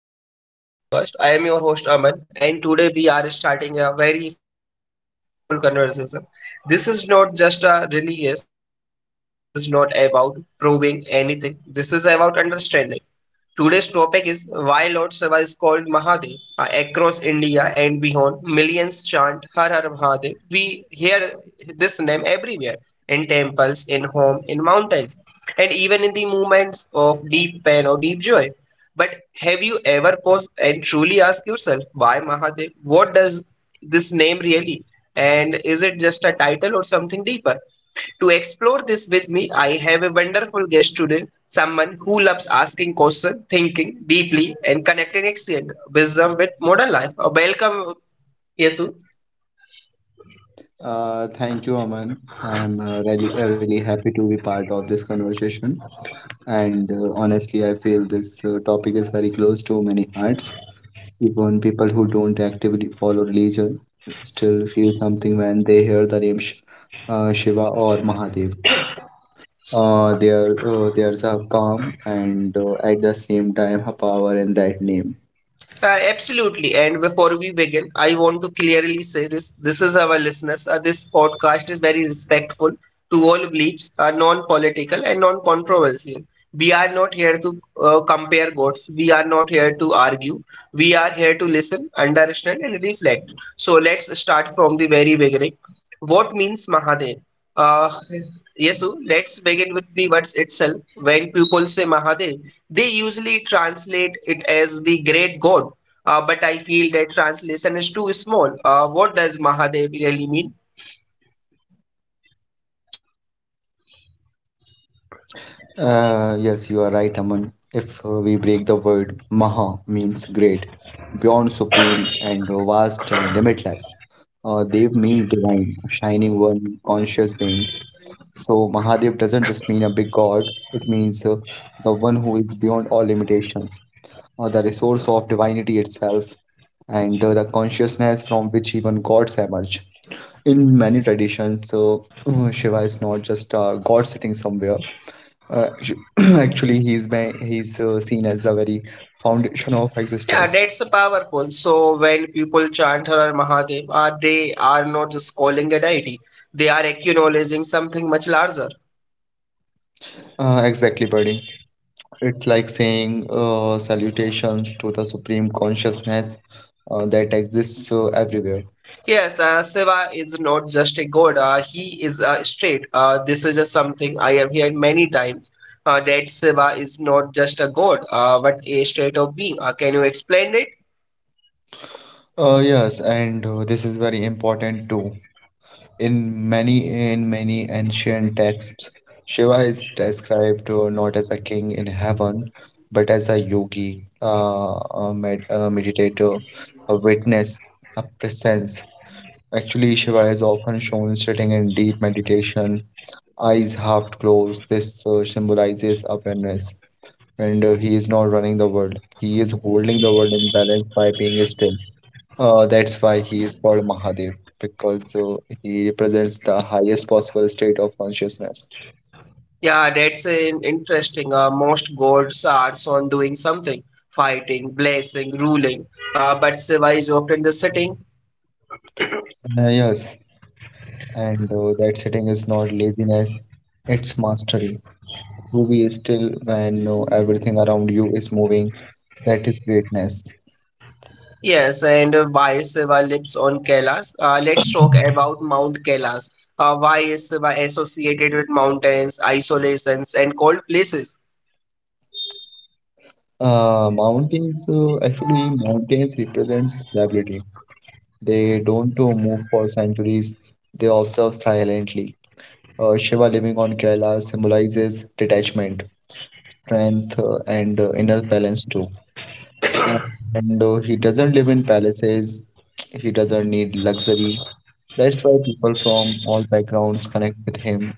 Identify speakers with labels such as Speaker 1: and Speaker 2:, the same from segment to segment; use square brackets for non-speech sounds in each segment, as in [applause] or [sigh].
Speaker 1: of our podcast. I am your host Aman, and today we are starting a very special, very meaningful conversation. This is not just a religious discussion. This is not about proving anything. This is about understanding. Today's topic is why Lord Shiva is called Mahadev. Across India and beyond, millions chant Har Har Mahadev. We hear this name everywhere in temples, in home, in mountains, and even in the moments of deep pain or deep joy. But have you ever paused and truly asked yourself why Mahadev? What does this name really? And is it just a title or something deeper? To explore this with me, I have a wonderful guest today, someone who loves asking questions, thinking deeply, and connecting ancient wisdom with modern life. Welcome, Yesu.
Speaker 2: Thank you, Aman. I'm really happy to be part of this conversation. And honestly, I feel this topic is very close to many hearts. Even people who don't actively follow religion still feel something when they hear the name Shiva or Mahadev. There's a calm and, at the same time, a power in that name.
Speaker 1: Absolutely. And before we begin, I want to clearly say this. This is our listeners. This podcast is very respectful to all beliefs, non-political and non-controversial. We are not here to compare gods. We are not here to argue. We are here to listen, understand, and reflect. So let's start from the very beginning. What means Mahadev? Uh, Yesu, let's begin with the words itself. When people say Mahadev, they usually translate it as the great God. But I feel that translation is too small. What does Mahadev really mean?
Speaker 2: Yes, you are right, Aman. If we break the word, Maha means great, beyond, supreme, and vast and limitless. Dev means divine, shining one, conscious being. So Mahadev doesn't just mean a big god, it means the one who is beyond all limitations, the resource of divinity itself, and the consciousness from which even gods emerge in many traditions. So [clears throat] Shiva is not just a god sitting somewhere. Uh, actu- [clears throat] actually, he's seen as the very foundation of existence.
Speaker 1: Yeah, that's powerful. So when people chant Har Har Mahadev, they are not just calling a deity. They are acknowledging something much larger.
Speaker 2: Exactly, buddy. It's like saying salutations to the supreme consciousness that exists everywhere.
Speaker 1: Yes, Shiva is not just a god. He is straight. This is just something I have heard many times. That Shiva is not just a god, but a state of being. Can you explain it?
Speaker 2: Yes, and this is very important too. In many ancient texts, Shiva is described not as a king in heaven, but as a yogi, a meditator, a witness, a presence. Actually, Shiva is often shown sitting in deep meditation, eyes half closed. This symbolizes awareness, and he is not running the world. He is holding the world in balance by being still. That's why he is called Mahadev, because he represents the highest possible state of consciousness.
Speaker 1: Yeah, that's an interesting. Most gods are on doing something, fighting, blessing, ruling. But Shiva is often just sitting.
Speaker 2: Yes, and that setting is not laziness, it's mastery. To be still when everything around you is moving, that is greatness.
Speaker 1: Yes, and why is Shiva lives on Kailas? Let's talk about Mount Kailas. Why is Shiva associated with mountains, isolations, and cold places?
Speaker 2: Mountains represent stability. They don't move for centuries, they observe silently. Shiva living on Kailash symbolizes detachment, strength, and inner balance too. And, and he doesn't live in palaces, he doesn't need luxury. That's why people from all backgrounds connect with him,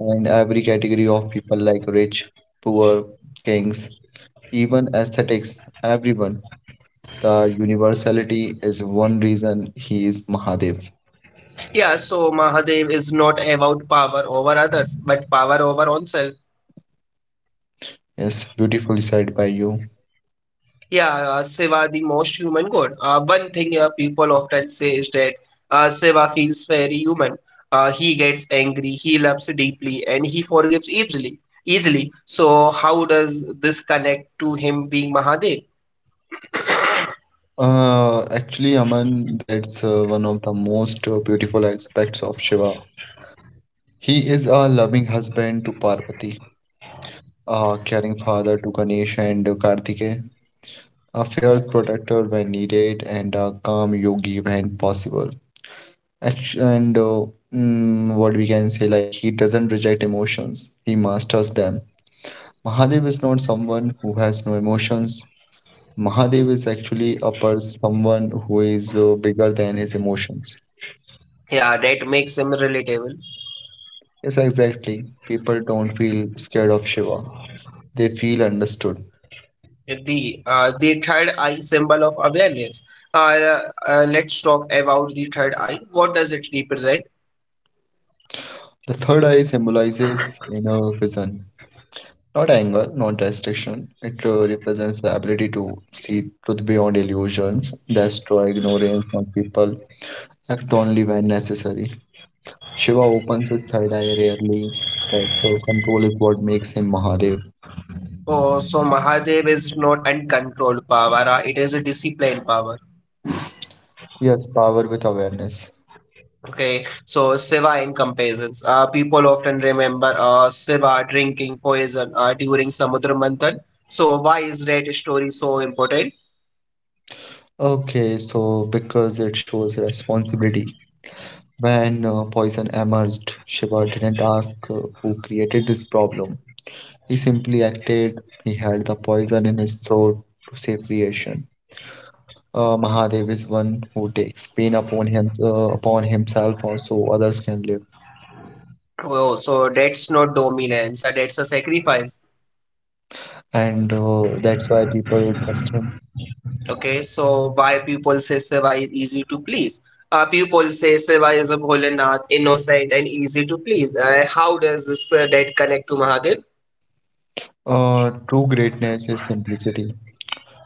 Speaker 2: and every category of people, like rich, poor, kings, even aesthetics, everyone. The universality is one reason he is Mahadev.
Speaker 1: Yeah, so Mahadev is not about power over others, but power over oneself.
Speaker 2: Yes, beautifully said by you.
Speaker 1: Yeah, Shiva, the most human god. One thing people often say is that Shiva feels very human. He gets angry, he loves deeply, and he forgives easily. Easily. So, how does this connect to him being Mahadev?
Speaker 2: Aman, that's one of the most beautiful aspects of Shiva. He is a loving husband to Parvati, a caring father to Ganesh and Kartikeya, a fierce protector when needed, and a calm yogi when possible. Act- And uh, what we can say, like, he doesn't reject emotions, he masters them. Mahadev is not someone who has no emotions. Mahadev is actually a person, someone who is bigger than his emotions.
Speaker 1: Yeah, that makes him relatable.
Speaker 2: Yes, exactly. People don't feel scared of Shiva, they feel understood.
Speaker 1: The third eye symbol of awareness. Uh, let's talk about the third eye. What does it represent?
Speaker 2: The third eye symbolizes inner vision, not anger, not restriction. It represents the ability to see truth beyond illusions, destroy ignorance on people, act only when necessary. Shiva opens his third eye rarely. That control is what makes him Mahadev.
Speaker 1: Oh, so Mahadev is not uncontrolled power. It is a disciplined power.
Speaker 2: Yes, power with awareness.
Speaker 1: Okay, so Shiva in comparisons. People often remember Shiva drinking poison during Samudra Manthan. So why is that story so important?
Speaker 2: Okay, so because it shows responsibility. When poison emerged, Shiva didn't ask who created this problem. He simply acted. He had the poison in his throat to save creation. Mahadev is one who takes pain upon upon himself, so others can live,
Speaker 1: Oh, so that's not dominance. That's a sacrifice.
Speaker 2: and that's why people trust him.
Speaker 1: Okay, so why people say Shiva is easy to please? People say Shiva is a Bholenath, innocent and easy to please. How does this that connect to Mahadev?
Speaker 2: True greatness is simplicity.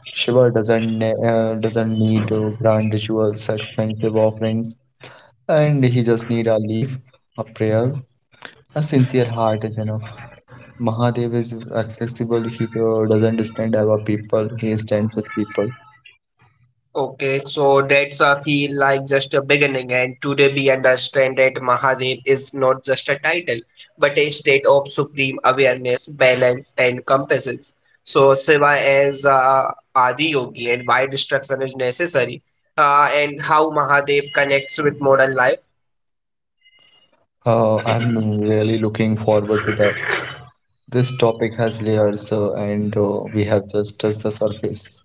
Speaker 2: Shiva doesn't need grand rituals, expensive offerings, and he just need a leaf, a prayer, a sincere heart is enough. Mahadev is accessible. He doesn't stand above people. He stands with people.
Speaker 1: Okay, so that's I feel like just a beginning, and today we understand that Mahadev is not just a title, but a state of supreme awareness, balance, and compassion. So Shiva is Adi Yogi, and why destruction is necessary, and how Mahadev connects with modern life.
Speaker 2: I'm really looking forward to that. This topic has layers, and we have just touched the surface.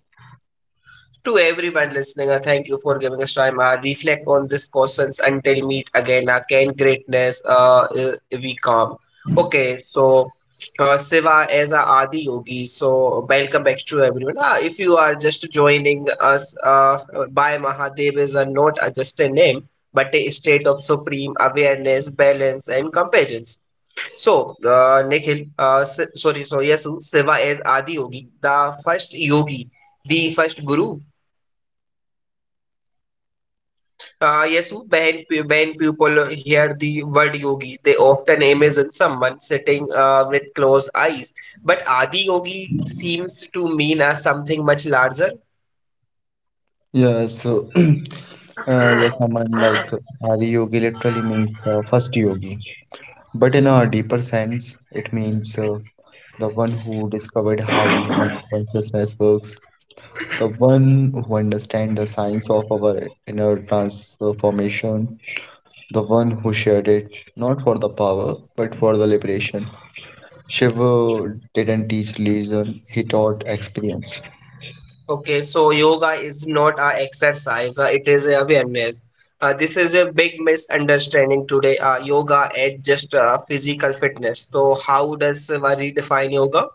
Speaker 1: To everyone listening, thank you for giving us time. Reflect on these questions until meet again. Can greatness be calm? Okay, so Siva as a Adi Yogi. So welcome back to everyone. If you are just joining us, by Mahadev is a, not a, just a name, but a state of supreme awareness, balance, and competence. So, so Yasu, Siva as Adi yogi, the first guru. When people hear the word yogi, they often imagine someone sitting with closed eyes. But Adi Yogi seems to mean something much larger.
Speaker 2: Yeah, so [clears throat] yes, someone like Adi Yogi literally means first yogi, but in a deeper sense, it means the one who discovered how human consciousness works, the one who understands the science of our inner transformation, the one who shared it not for the power but for the liberation. Shiva didn't teach religion, he taught experience.
Speaker 1: Okay, so yoga is not a exercise, it is a awareness. This is a big misunderstanding today. Yoga is just physical fitness. So, how does one redefine yoga?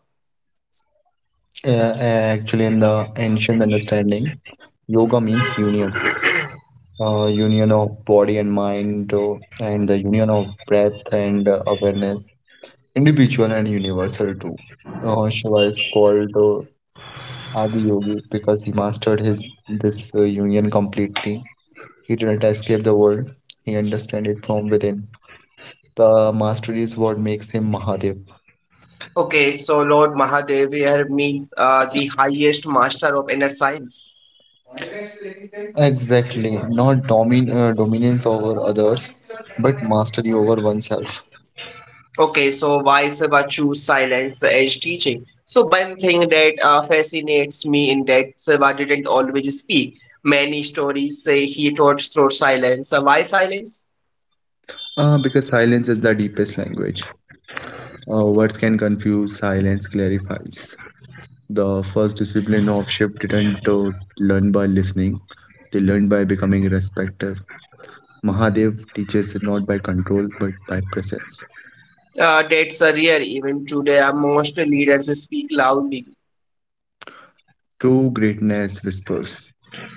Speaker 2: In the ancient understanding, yoga means union, union of body and mind, and the union of breath and awareness, individual and universal too. Shiva is called Adi Yogi because he mastered his this union completely. He didn't escape the world; he understood it from within. The mastery is what makes him Mahadev.
Speaker 1: Okay, so Lord Mahadev here means the highest master of inner science.
Speaker 2: Exactly, not dominance over others, but mastery over oneself.
Speaker 1: Okay, so why Seva choose silence as teaching? So one thing that fascinates me in that Seva didn't always speak. Many stories say he taught through silence. Why silence?
Speaker 2: Because silence is the deepest language. Words can confuse, silence clarifies. The first discipline of shift didn't learn by listening, they learned by becoming respective. Mahadev teaches not by control but by presence.
Speaker 1: That's a rare even today. Most leaders speak loudly.
Speaker 2: True greatness whispers.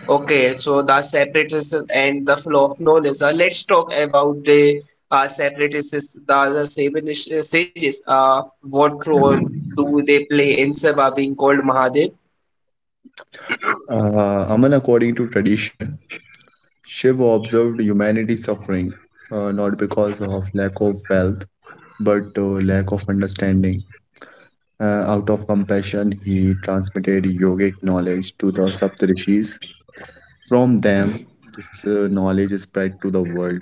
Speaker 1: Okay, so the separatism and the flow of knowledge. Let's talk about the separatists, the seven sages. What role do they play in Seva being called Mahadev?
Speaker 2: Aman, according to tradition, Shiva observed humanity suffering not because of lack of wealth but lack of understanding. Out of compassion, he transmitted yogic knowledge to the Saptarishis. From them, this knowledge is spread to the world.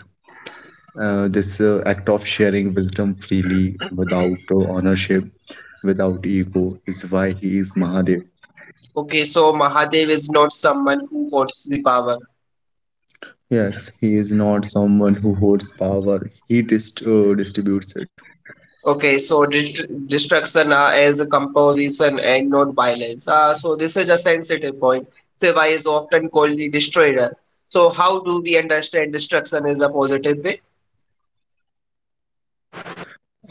Speaker 2: This act of sharing wisdom freely, without ownership, without ego, is why he is Mahadev.
Speaker 1: Okay, so Mahadev is not someone who wants the power.
Speaker 2: Yes, he is not someone who holds power, he distributes it.
Speaker 1: Okay, so dest destruction as a composition and not violence. So this is a sensitive point. Shiva is often called the destroyer. So how do we understand destruction is a positive way?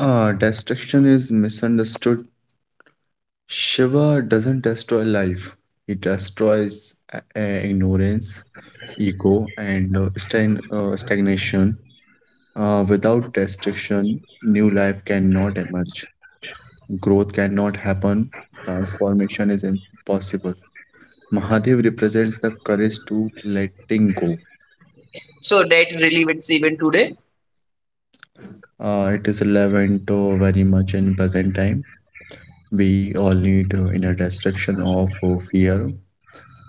Speaker 2: Ah, destruction is misunderstood. Shiva doesn't destroy life, it destroys ignorance, ego, and stagnation. Without destruction, new life cannot emerge, growth cannot happen, transformation is impossible. Mahadev represents the courage to letting go.
Speaker 1: So that relevance even today.
Speaker 2: It is relevant very much in present time. We all need inner destruction of fear,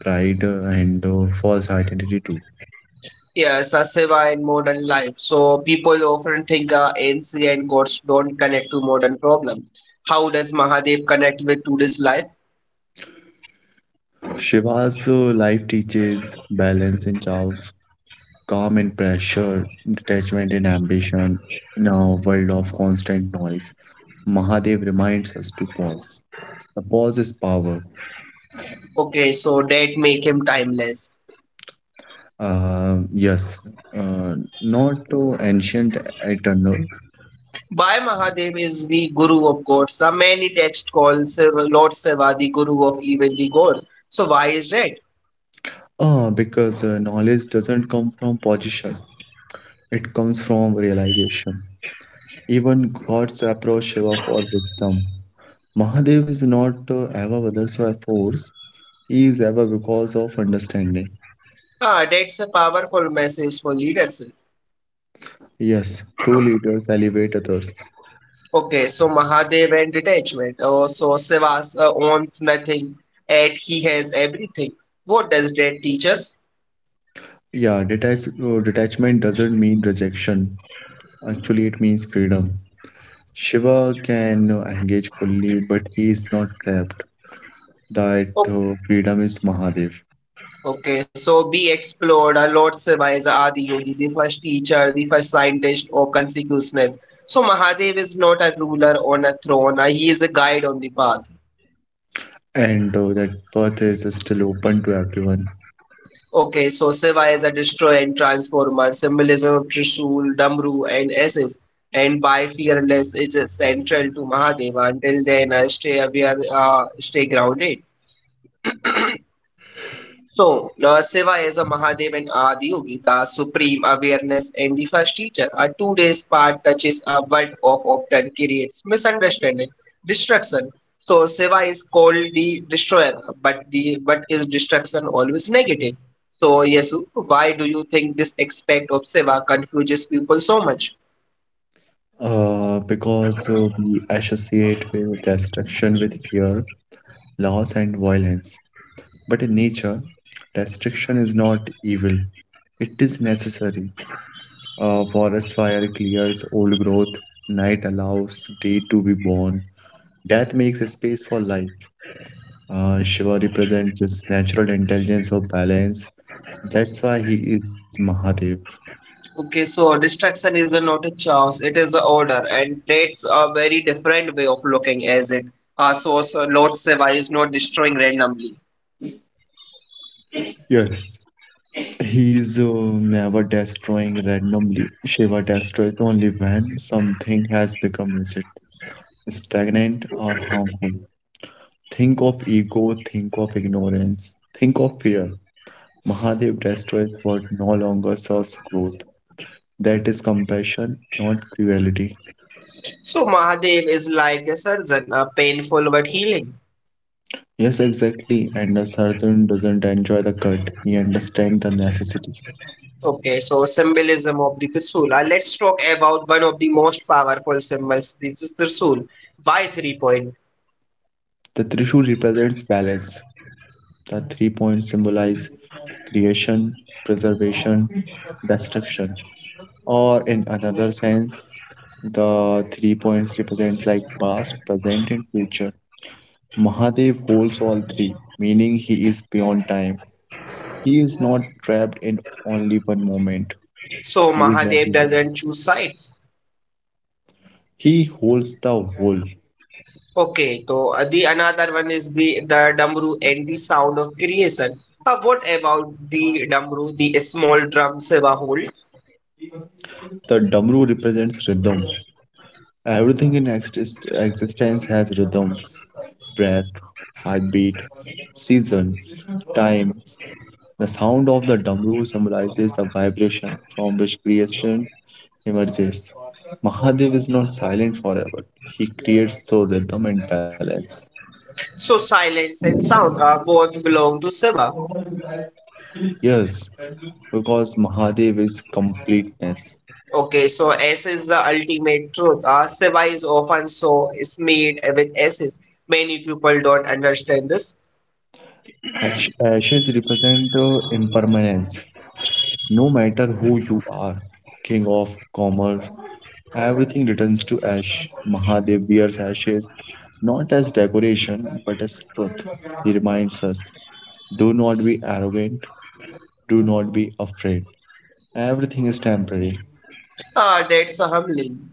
Speaker 2: pride, and false identity too.
Speaker 1: Yes, Shiva in modern life. So people often think ancient gods don't connect to modern problems. How does Mahadev connect with today's life?
Speaker 2: Shiva's life teaches balance in chaos, calm in pressure, detachment in ambition. In a world of constant noise, Mahadev reminds us to pause. The pause is power.
Speaker 1: Okay, so that make him timeless.
Speaker 2: Yes, uh, not ancient, eternal.
Speaker 1: Bhai Mahadev is the guru of gods. There many texts call Siva, Lord Shiva, the guru of even the gods. So why is that?
Speaker 2: Because knowledge doesn't come from position, it comes from realization. Even gods approach Shiva for wisdom. Mahadev is not ever others by force, is ever because of understanding.
Speaker 1: Ah, that's a powerful message for leadership.
Speaker 2: Yes, true leaders elevate others.
Speaker 1: Okay, so Mahadev and detachment. Oh, so Shiva owns nothing, yet he has everything. What does that teach us?
Speaker 2: Detachment doesn't mean rejection. Actually, it means freedom. Shiva can engage fully, but he is not trapped. That
Speaker 1: O-
Speaker 2: freedom is Mahadev,
Speaker 1: Okay, so be explored. Our Lord Shiva is Adi Yogi, the first teacher, the first scientist of consciousness. So Mahadev is not a ruler on a throne. He is a guide on the path.
Speaker 2: and that path is still open to everyone.
Speaker 1: Okay, so Shiva is a destroying transformer, symbolism of Trishul, Damru, and Aces, and by fearless is central to Mahadeva. Until then, stay aware, stay grounded. So, Siva is a Mahadev and Adi Yogi, the supreme awareness and the first teacher. A 2 days part touches a world of often creates misunderstanding, destruction. So, Seva is called the destroyer, but is destruction always negative? So, Yesu, why do you think this aspect of Seva confuses people so much?
Speaker 2: Because We associate with destruction with fear, loss, and violence. But in nature, restriction is not evil. It is necessary. A forest fire clears old growth, night allows day to be born, death makes a space for life. Shiva represents this natural intelligence of balance. That's why he is Mahadev.
Speaker 1: Okay, so distraction is a not a chance, it is a order, and that's a very different way of looking as it. So, Lord Shiva is not destroying randomly.
Speaker 2: Yes, he is never destroying randomly. Shiva destroys only when something has become rigid, stagnant, or harmful. Think of ego, think of ignorance, think of fear. Mahadev destroys what no longer serves growth. That is compassion, not cruelty.
Speaker 1: So Mahadev is like a surgeon, a painful but healing.
Speaker 2: Yes, exactly. And the surgeon doesn't enjoy the cut, he understands the necessity.
Speaker 1: Okay, so symbolism of the Tirsul. Let's talk about one of the most powerful symbols, the Tirsul, by 3 point.
Speaker 2: The Trishul represents balance. The three points symbolize creation, preservation, destruction. Or in another sense, the three points represent like past, present, and future. Mahadev holds all three, meaning he is beyond time. He is not trapped in only one moment.
Speaker 1: So
Speaker 2: He is
Speaker 1: Mahadev
Speaker 2: everyone.
Speaker 1: doesn't choose sides.
Speaker 2: He holds the whole.
Speaker 1: Okay, so the another one is the damru and the sound of creation. What about the damru, the small drum seva hole?
Speaker 2: The Damru represents rhythm. Everything in existence has rhythm: breath, heartbeat, season, time. The sound of the Damru symbolizes the vibration from which creation emerges. Mahadev is not silent forever, he creates through rhythm and balance.
Speaker 1: So silence and sound both belong to seva.
Speaker 2: Yes, because Mahadev is completeness.
Speaker 1: Okay, so S is the ultimate truth. Seva is often so is made with S's. Many people don't understand this.
Speaker 2: Ashes represent the impermanence. No matter who you are, king of commerce, everything returns to ash. Mahadev wears ashes not as decoration but as truth. He reminds us, do not be arrogant, do not be afraid. Everything is temporary,
Speaker 1: That's a humbling.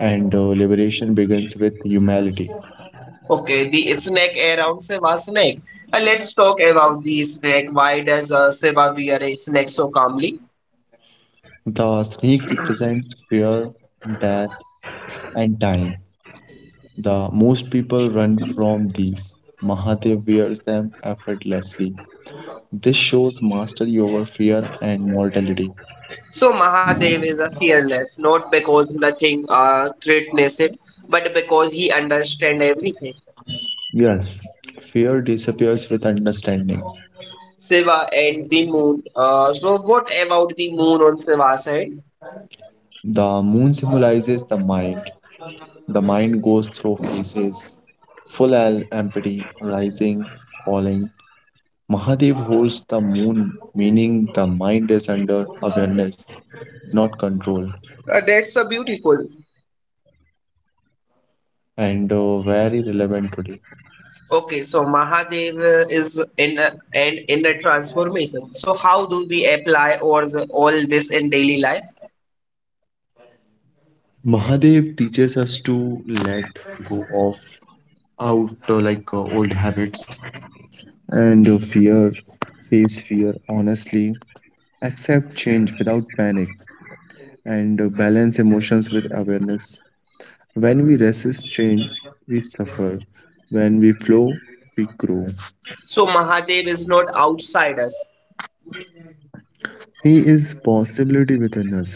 Speaker 2: and liberation begins with humility.
Speaker 1: Okay, the snake around seva snake. Let's talk about the snake. Why does seva wear a snake so calmly?
Speaker 2: The snake represents fear, death, and time. The most people run from these. Mahadev wears them effortlessly. This shows mastery over fear and mortality.
Speaker 1: So Mahadev is a fearless, not because nothing threatens him, but because he understands everything.
Speaker 2: Yes, fear disappears with understanding.
Speaker 1: Shiva and the moon. So what about the moon on Shiva's side?
Speaker 2: The moon symbolizes the mind. The mind goes through phases: empty, rising, falling. Mahadev holds the moon, meaning the mind is under awareness, not control,
Speaker 1: That's a beautiful.
Speaker 2: and very relevant today.
Speaker 1: Okay, so Mahadev is in a transformation. So how do we apply all this in daily life?
Speaker 2: Mahadev teaches us to let go of out like old habits and fear, face fear honestly, accept change without panic, and balance emotions with awareness. When we resist change, we suffer. When we flow, we grow.
Speaker 1: So Mahadev is not outside us.
Speaker 2: He is possibility within us,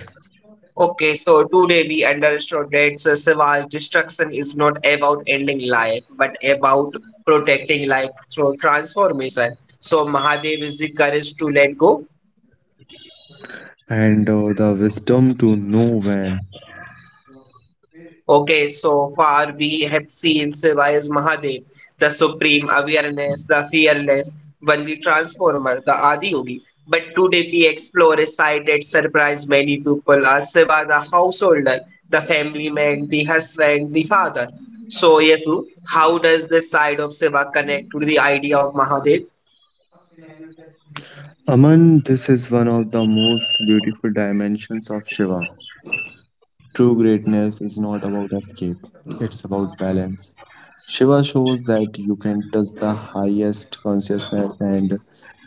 Speaker 1: Okay, so today we understood that so savage destruction is not about ending life, but about protecting life through transformation. So Mahadev is the courage to let go.
Speaker 2: and the wisdom to know when.
Speaker 1: Okay, so far we have seen Shiva as Mahadev, the supreme awareness, the fearless, only transformer, the Adi Yogi. But today we explore a side that surprised many people as Shiva, the householder, the family man, the husband, the father. So, Yetu, how does this side of Shiva connect to the idea of Mahadev?
Speaker 2: Aman, this is one of the most beautiful dimensions of Shiva. True greatness is not about escape, it's about balance. Shiva shows that you can touch the highest consciousness and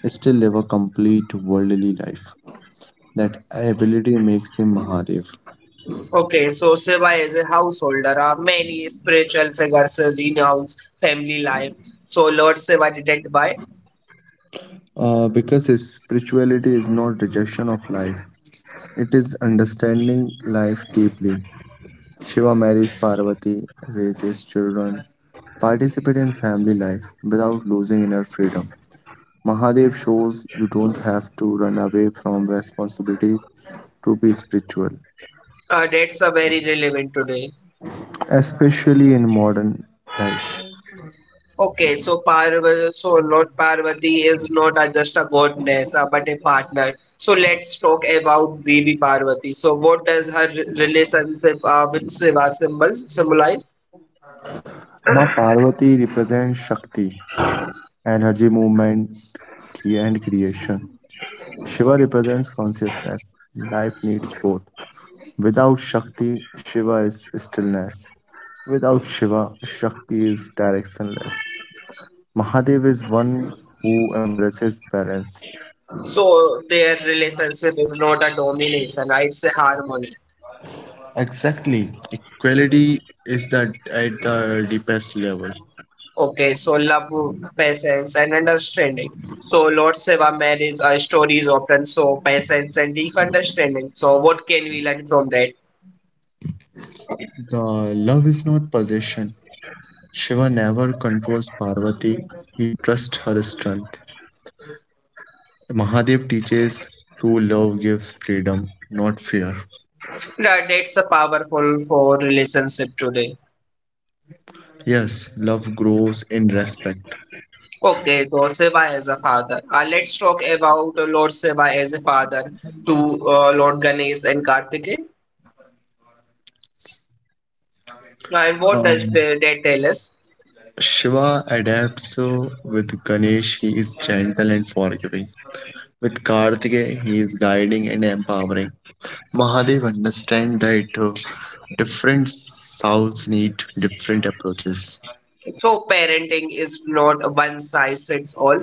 Speaker 2: still live a complete worldly life. That ability makes him Mahadev.
Speaker 1: Okay, so Shiva is a householder. Many spiritual figures renounce family life. So Lord Shiva didn't buy.
Speaker 2: Because his spirituality is not rejection of life, it is understanding life deeply. Shiva marries Parvati, raises children, participates in family life without losing inner freedom. Mahadev shows you don't have to run away from responsibilities to be spiritual,
Speaker 1: That's a very relevant today.
Speaker 2: especially in modern life.
Speaker 1: Okay, so Parvati, so Lord Parvati is not a, just a goddess, but a partner. So let's talk about Devi Parvati. So what does her relationship with Shiva symbolize?
Speaker 2: Ma Parvati represents Shakti, energy, movement, and creation. Shiva represents consciousness. Life needs both. Without Shakti, Shiva is stillness. Without Shiva, Shakti is directionless. Mahadev is one who embraces balance.
Speaker 1: So their relationship is not a domination, it's a harmony.
Speaker 2: Exactly. Equality is that at the deepest level.
Speaker 1: Okay, so love, patience, and understanding. So Lord Shiva marriage stories often show patience and deep understanding. So what can we learn from that?
Speaker 2: The love is not possession. Shiva never controls Parvati. He trusts her strength. Mahadev teaches true love gives freedom, not fear.
Speaker 1: Right, it's a powerful for relationship today.
Speaker 2: Yes, love grows in respect.
Speaker 1: Okay, Lord Shiva as a father. Let's talk about Lord Shiva as a father to Lord Ganesh and Kartikeya. And what does
Speaker 2: Um,
Speaker 1: that tell us?
Speaker 2: Shiva adapts with Ganesh, he is gentle and forgiving. With Kartikeya, he is guiding and empowering. Mahadev understand that different souls need different approaches.
Speaker 1: So, parenting is not a one size fits all.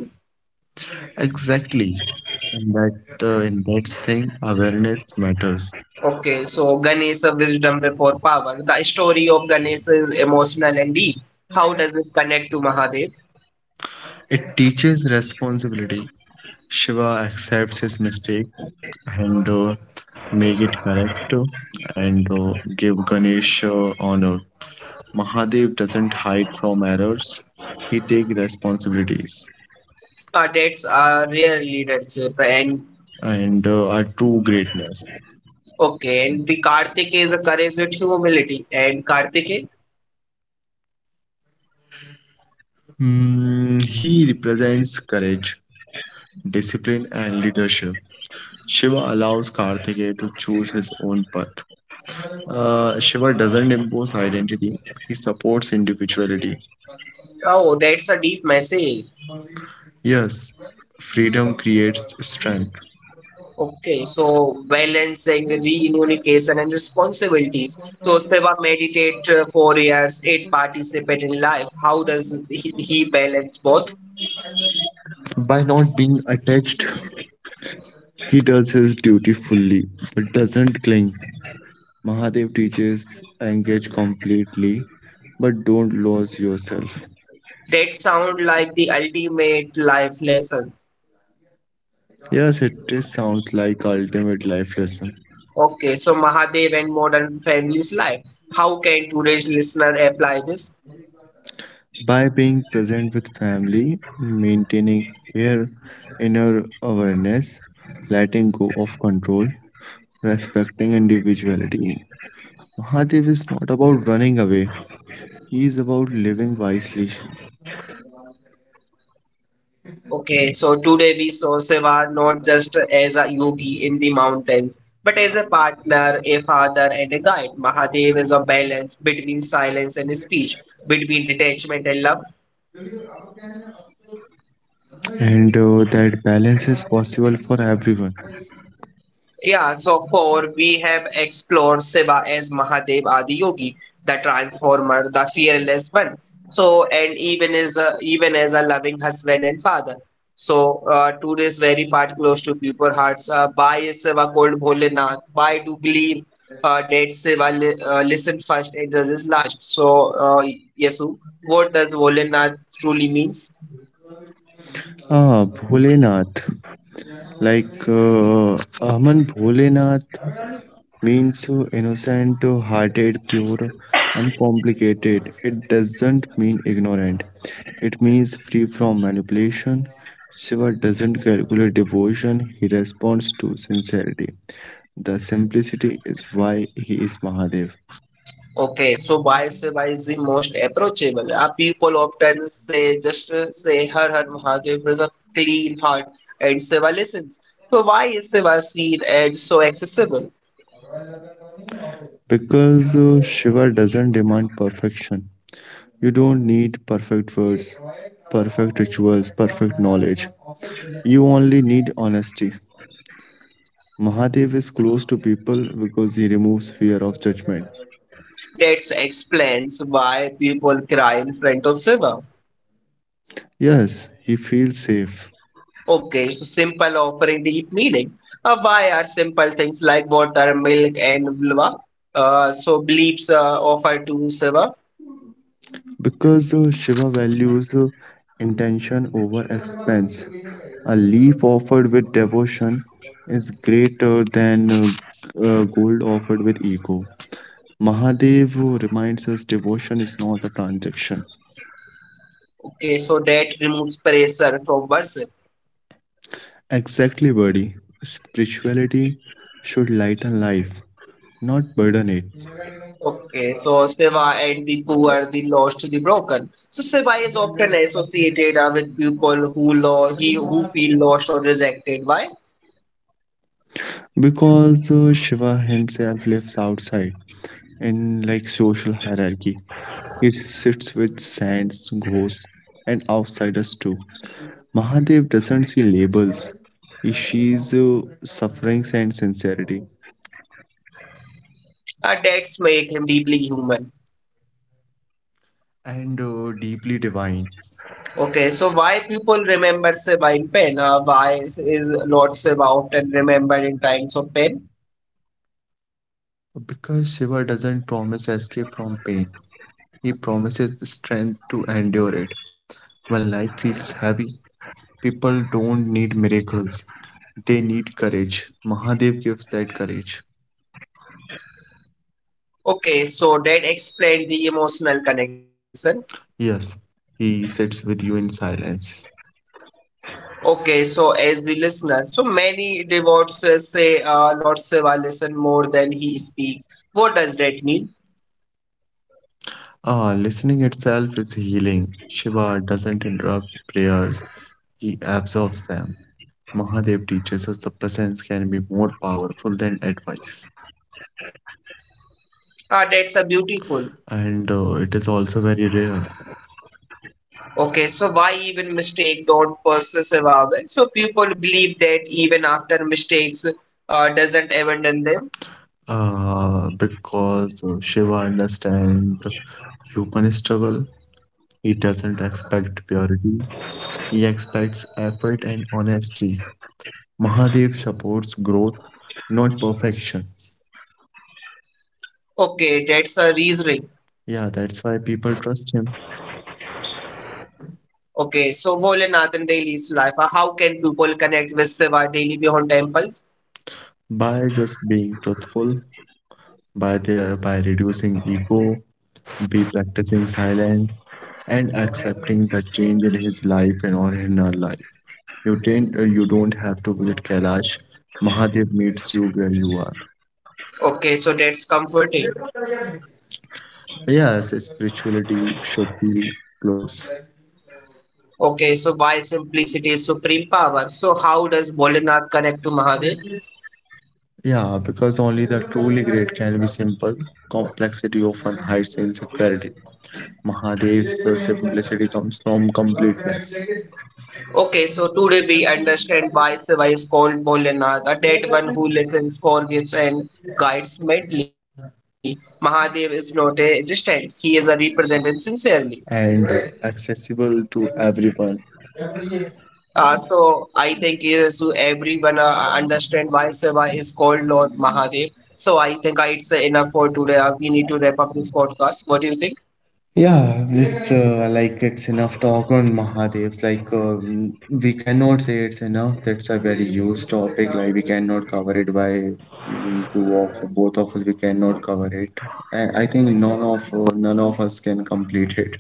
Speaker 2: Exactly. And that in that thing, awareness matters.
Speaker 1: Okay, so Ganesh of wisdom before power. The story of Ganesh is emotional and deep. How does it connect to Mahadev?
Speaker 2: It teaches responsibility. Shiva accepts his mistake and make it correct and give Ganesh honor. Mahadev doesn't hide from errors. He take responsibilities
Speaker 1: That's rarely read. And
Speaker 2: and are true greatness.
Speaker 1: okay, and the Kartik is a courage with humility, and Kartik,
Speaker 2: Hmm, he represents courage, discipline, and leadership. Shiva allows Kartikeya to choose his own path. Shiva doesn't impose identity, he supports individuality.
Speaker 1: oh, that's a deep message.
Speaker 2: Yes, freedom creates strength.
Speaker 1: Okay, so balancing reunification and responsibilities. So Seva meditate 4 years, eight participate in life. How does he balance both?
Speaker 2: By not being attached, he does his duty fully but doesn't cling. Mahadev teaches engage completely but don't lose yourself.
Speaker 1: That sound like the ultimate life lessons.
Speaker 2: Yes, it is, sounds like ultimate life lesson.
Speaker 1: Okay, so Mahadev and modern families life. How can today's listener apply this?
Speaker 2: By being present with family, maintaining your inner awareness, letting go of control, respecting individuality. Mahadev is not about running away, he is about living wisely,
Speaker 1: Okay, so today we saw Shiva not just as a yogi in the mountains, but as a partner, a father, and a guide. Mahadev is a balance between silence and speech, between detachment and love.
Speaker 2: and that balance is possible for everyone.
Speaker 1: Yeah, so for we have explored Shiva as Mahadev Adiyogi, the transformer, the fearless one. So and even as a loving husband and father. So to this very part close to people hearts, why is Shiva called Bholenath? Why do believe that Shiva li listen first and judges last? So Yesu, what does Bholenath truly means?
Speaker 2: Ah, Bholenath, like Aman Bholenath means so innocent, hearted, pure, uncomplicated. It doesn't mean ignorant. It means free from manipulation. Shiva doesn't calculate devotion, he responds to sincerity. The simplicity is why he is Mahadev.
Speaker 1: Okay, so why say why is the most approachable? People often say Har Har Mahadev with a clean heart and Seva listens. So why is Seva seen as so accessible?
Speaker 2: Because Shiva doesn't demand perfection. You don't need perfect words, perfect rituals, perfect knowledge. You only need honesty. Mahadev is close to people because he removes fear of judgment.
Speaker 1: That explains why people cry in front of Seva.
Speaker 2: Yes, he feels safe.
Speaker 1: Okay, so simple offering deep meaning. Why are simple things like water, milk, and vulva so beliefs offered to Seva?
Speaker 2: Because Shiva values intention over expense. A leaf offered with devotion is greater than gold offered with ego. Mahadev reminds us devotion is not a transaction.
Speaker 1: Okay, so that removes pressure from worship.
Speaker 2: Exactly, buddy. Spirituality should lighten life, not burden it.
Speaker 1: Okay, so Seva and the poor, the lost, the broken. So Seva is often associated with people who lo he who feel lost or rejected. Why?
Speaker 2: Because Shiva himself lives outside in like social hierarchy. It sits with saints, ghosts, and outsiders too. Mahadev doesn't see labels, he sees sufferings and sincerity,
Speaker 1: Debts make him deeply human.
Speaker 2: and deeply divine.
Speaker 1: Okay, so why people remember Seva in pain? Why is Lord Seva often remembered in times of pain?
Speaker 2: Because Shiva doesn't promise escape from pain, he promises strength to endure it. When life feels heavy, people don't need miracles, they need courage. Mahadev gives that courage.
Speaker 1: Okay, so that explained the emotional connection.
Speaker 2: Yes, he sits with you in silence.
Speaker 1: Okay, so as the listener, so many devotees say Lord Seva listen more than he speaks. What does that mean?
Speaker 2: Ah, listening itself is healing. Shiva doesn't interrupt prayers, he absorbs them. Mahadev teaches us the presence can be more powerful than advice.
Speaker 1: Ah, that's a beautiful.
Speaker 2: And it is also very rare.
Speaker 1: Okay, so why even mistake don't persevere? So people believe that even after mistakes, doesn't abandon them.
Speaker 2: Because Shiva understands human struggle. He doesn't expect purity, he expects effort and honesty. Mahadev supports growth, not perfection.
Speaker 1: Okay, that's a reasoning.
Speaker 2: Yeah, that's why people trust him
Speaker 1: Okay, so Volanathan Daily's life. How can people connect with Shiva daily beyond temples?
Speaker 2: by just being truthful by their by reducing ego, be practicing silence and accepting the change in his life and or in her life. You don't have to visit Kailash. Mahadev meets you where you are.
Speaker 1: Okay, so that's comforting.
Speaker 2: Yes, spirituality should be close.
Speaker 1: Okay, so why simplicity is supreme power? So how does Volanath connect to Mahadev?
Speaker 2: Yeah, because only the truly great can be simple. Complexity often hides insecurity. Mahadev's simplicity comes from completeness
Speaker 1: Okay, so today we understand why Shiva is called Bholenath, a dead one who listens, forgives, and guides mentally. Mahadev is not a distant, he is a represented sincerely.
Speaker 2: and accessible to everyone.
Speaker 1: So I think is so everyone understand why Shiva is called Lord Mahadev. So I think it's enough for today. We need to wrap up this podcast. What do you think?
Speaker 2: Yeah, this like it's enough talk on Mahadevs. Like we cannot say it's enough. That's a very huge topic. Like we cannot cover it by two of both of us. We cannot cover it. And I think none of us can complete it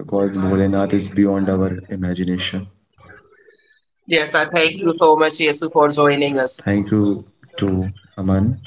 Speaker 2: because Bholenath is beyond our imagination.
Speaker 1: Yes, I thank you so much, Yesu, for joining us.
Speaker 2: Thank you to Aman.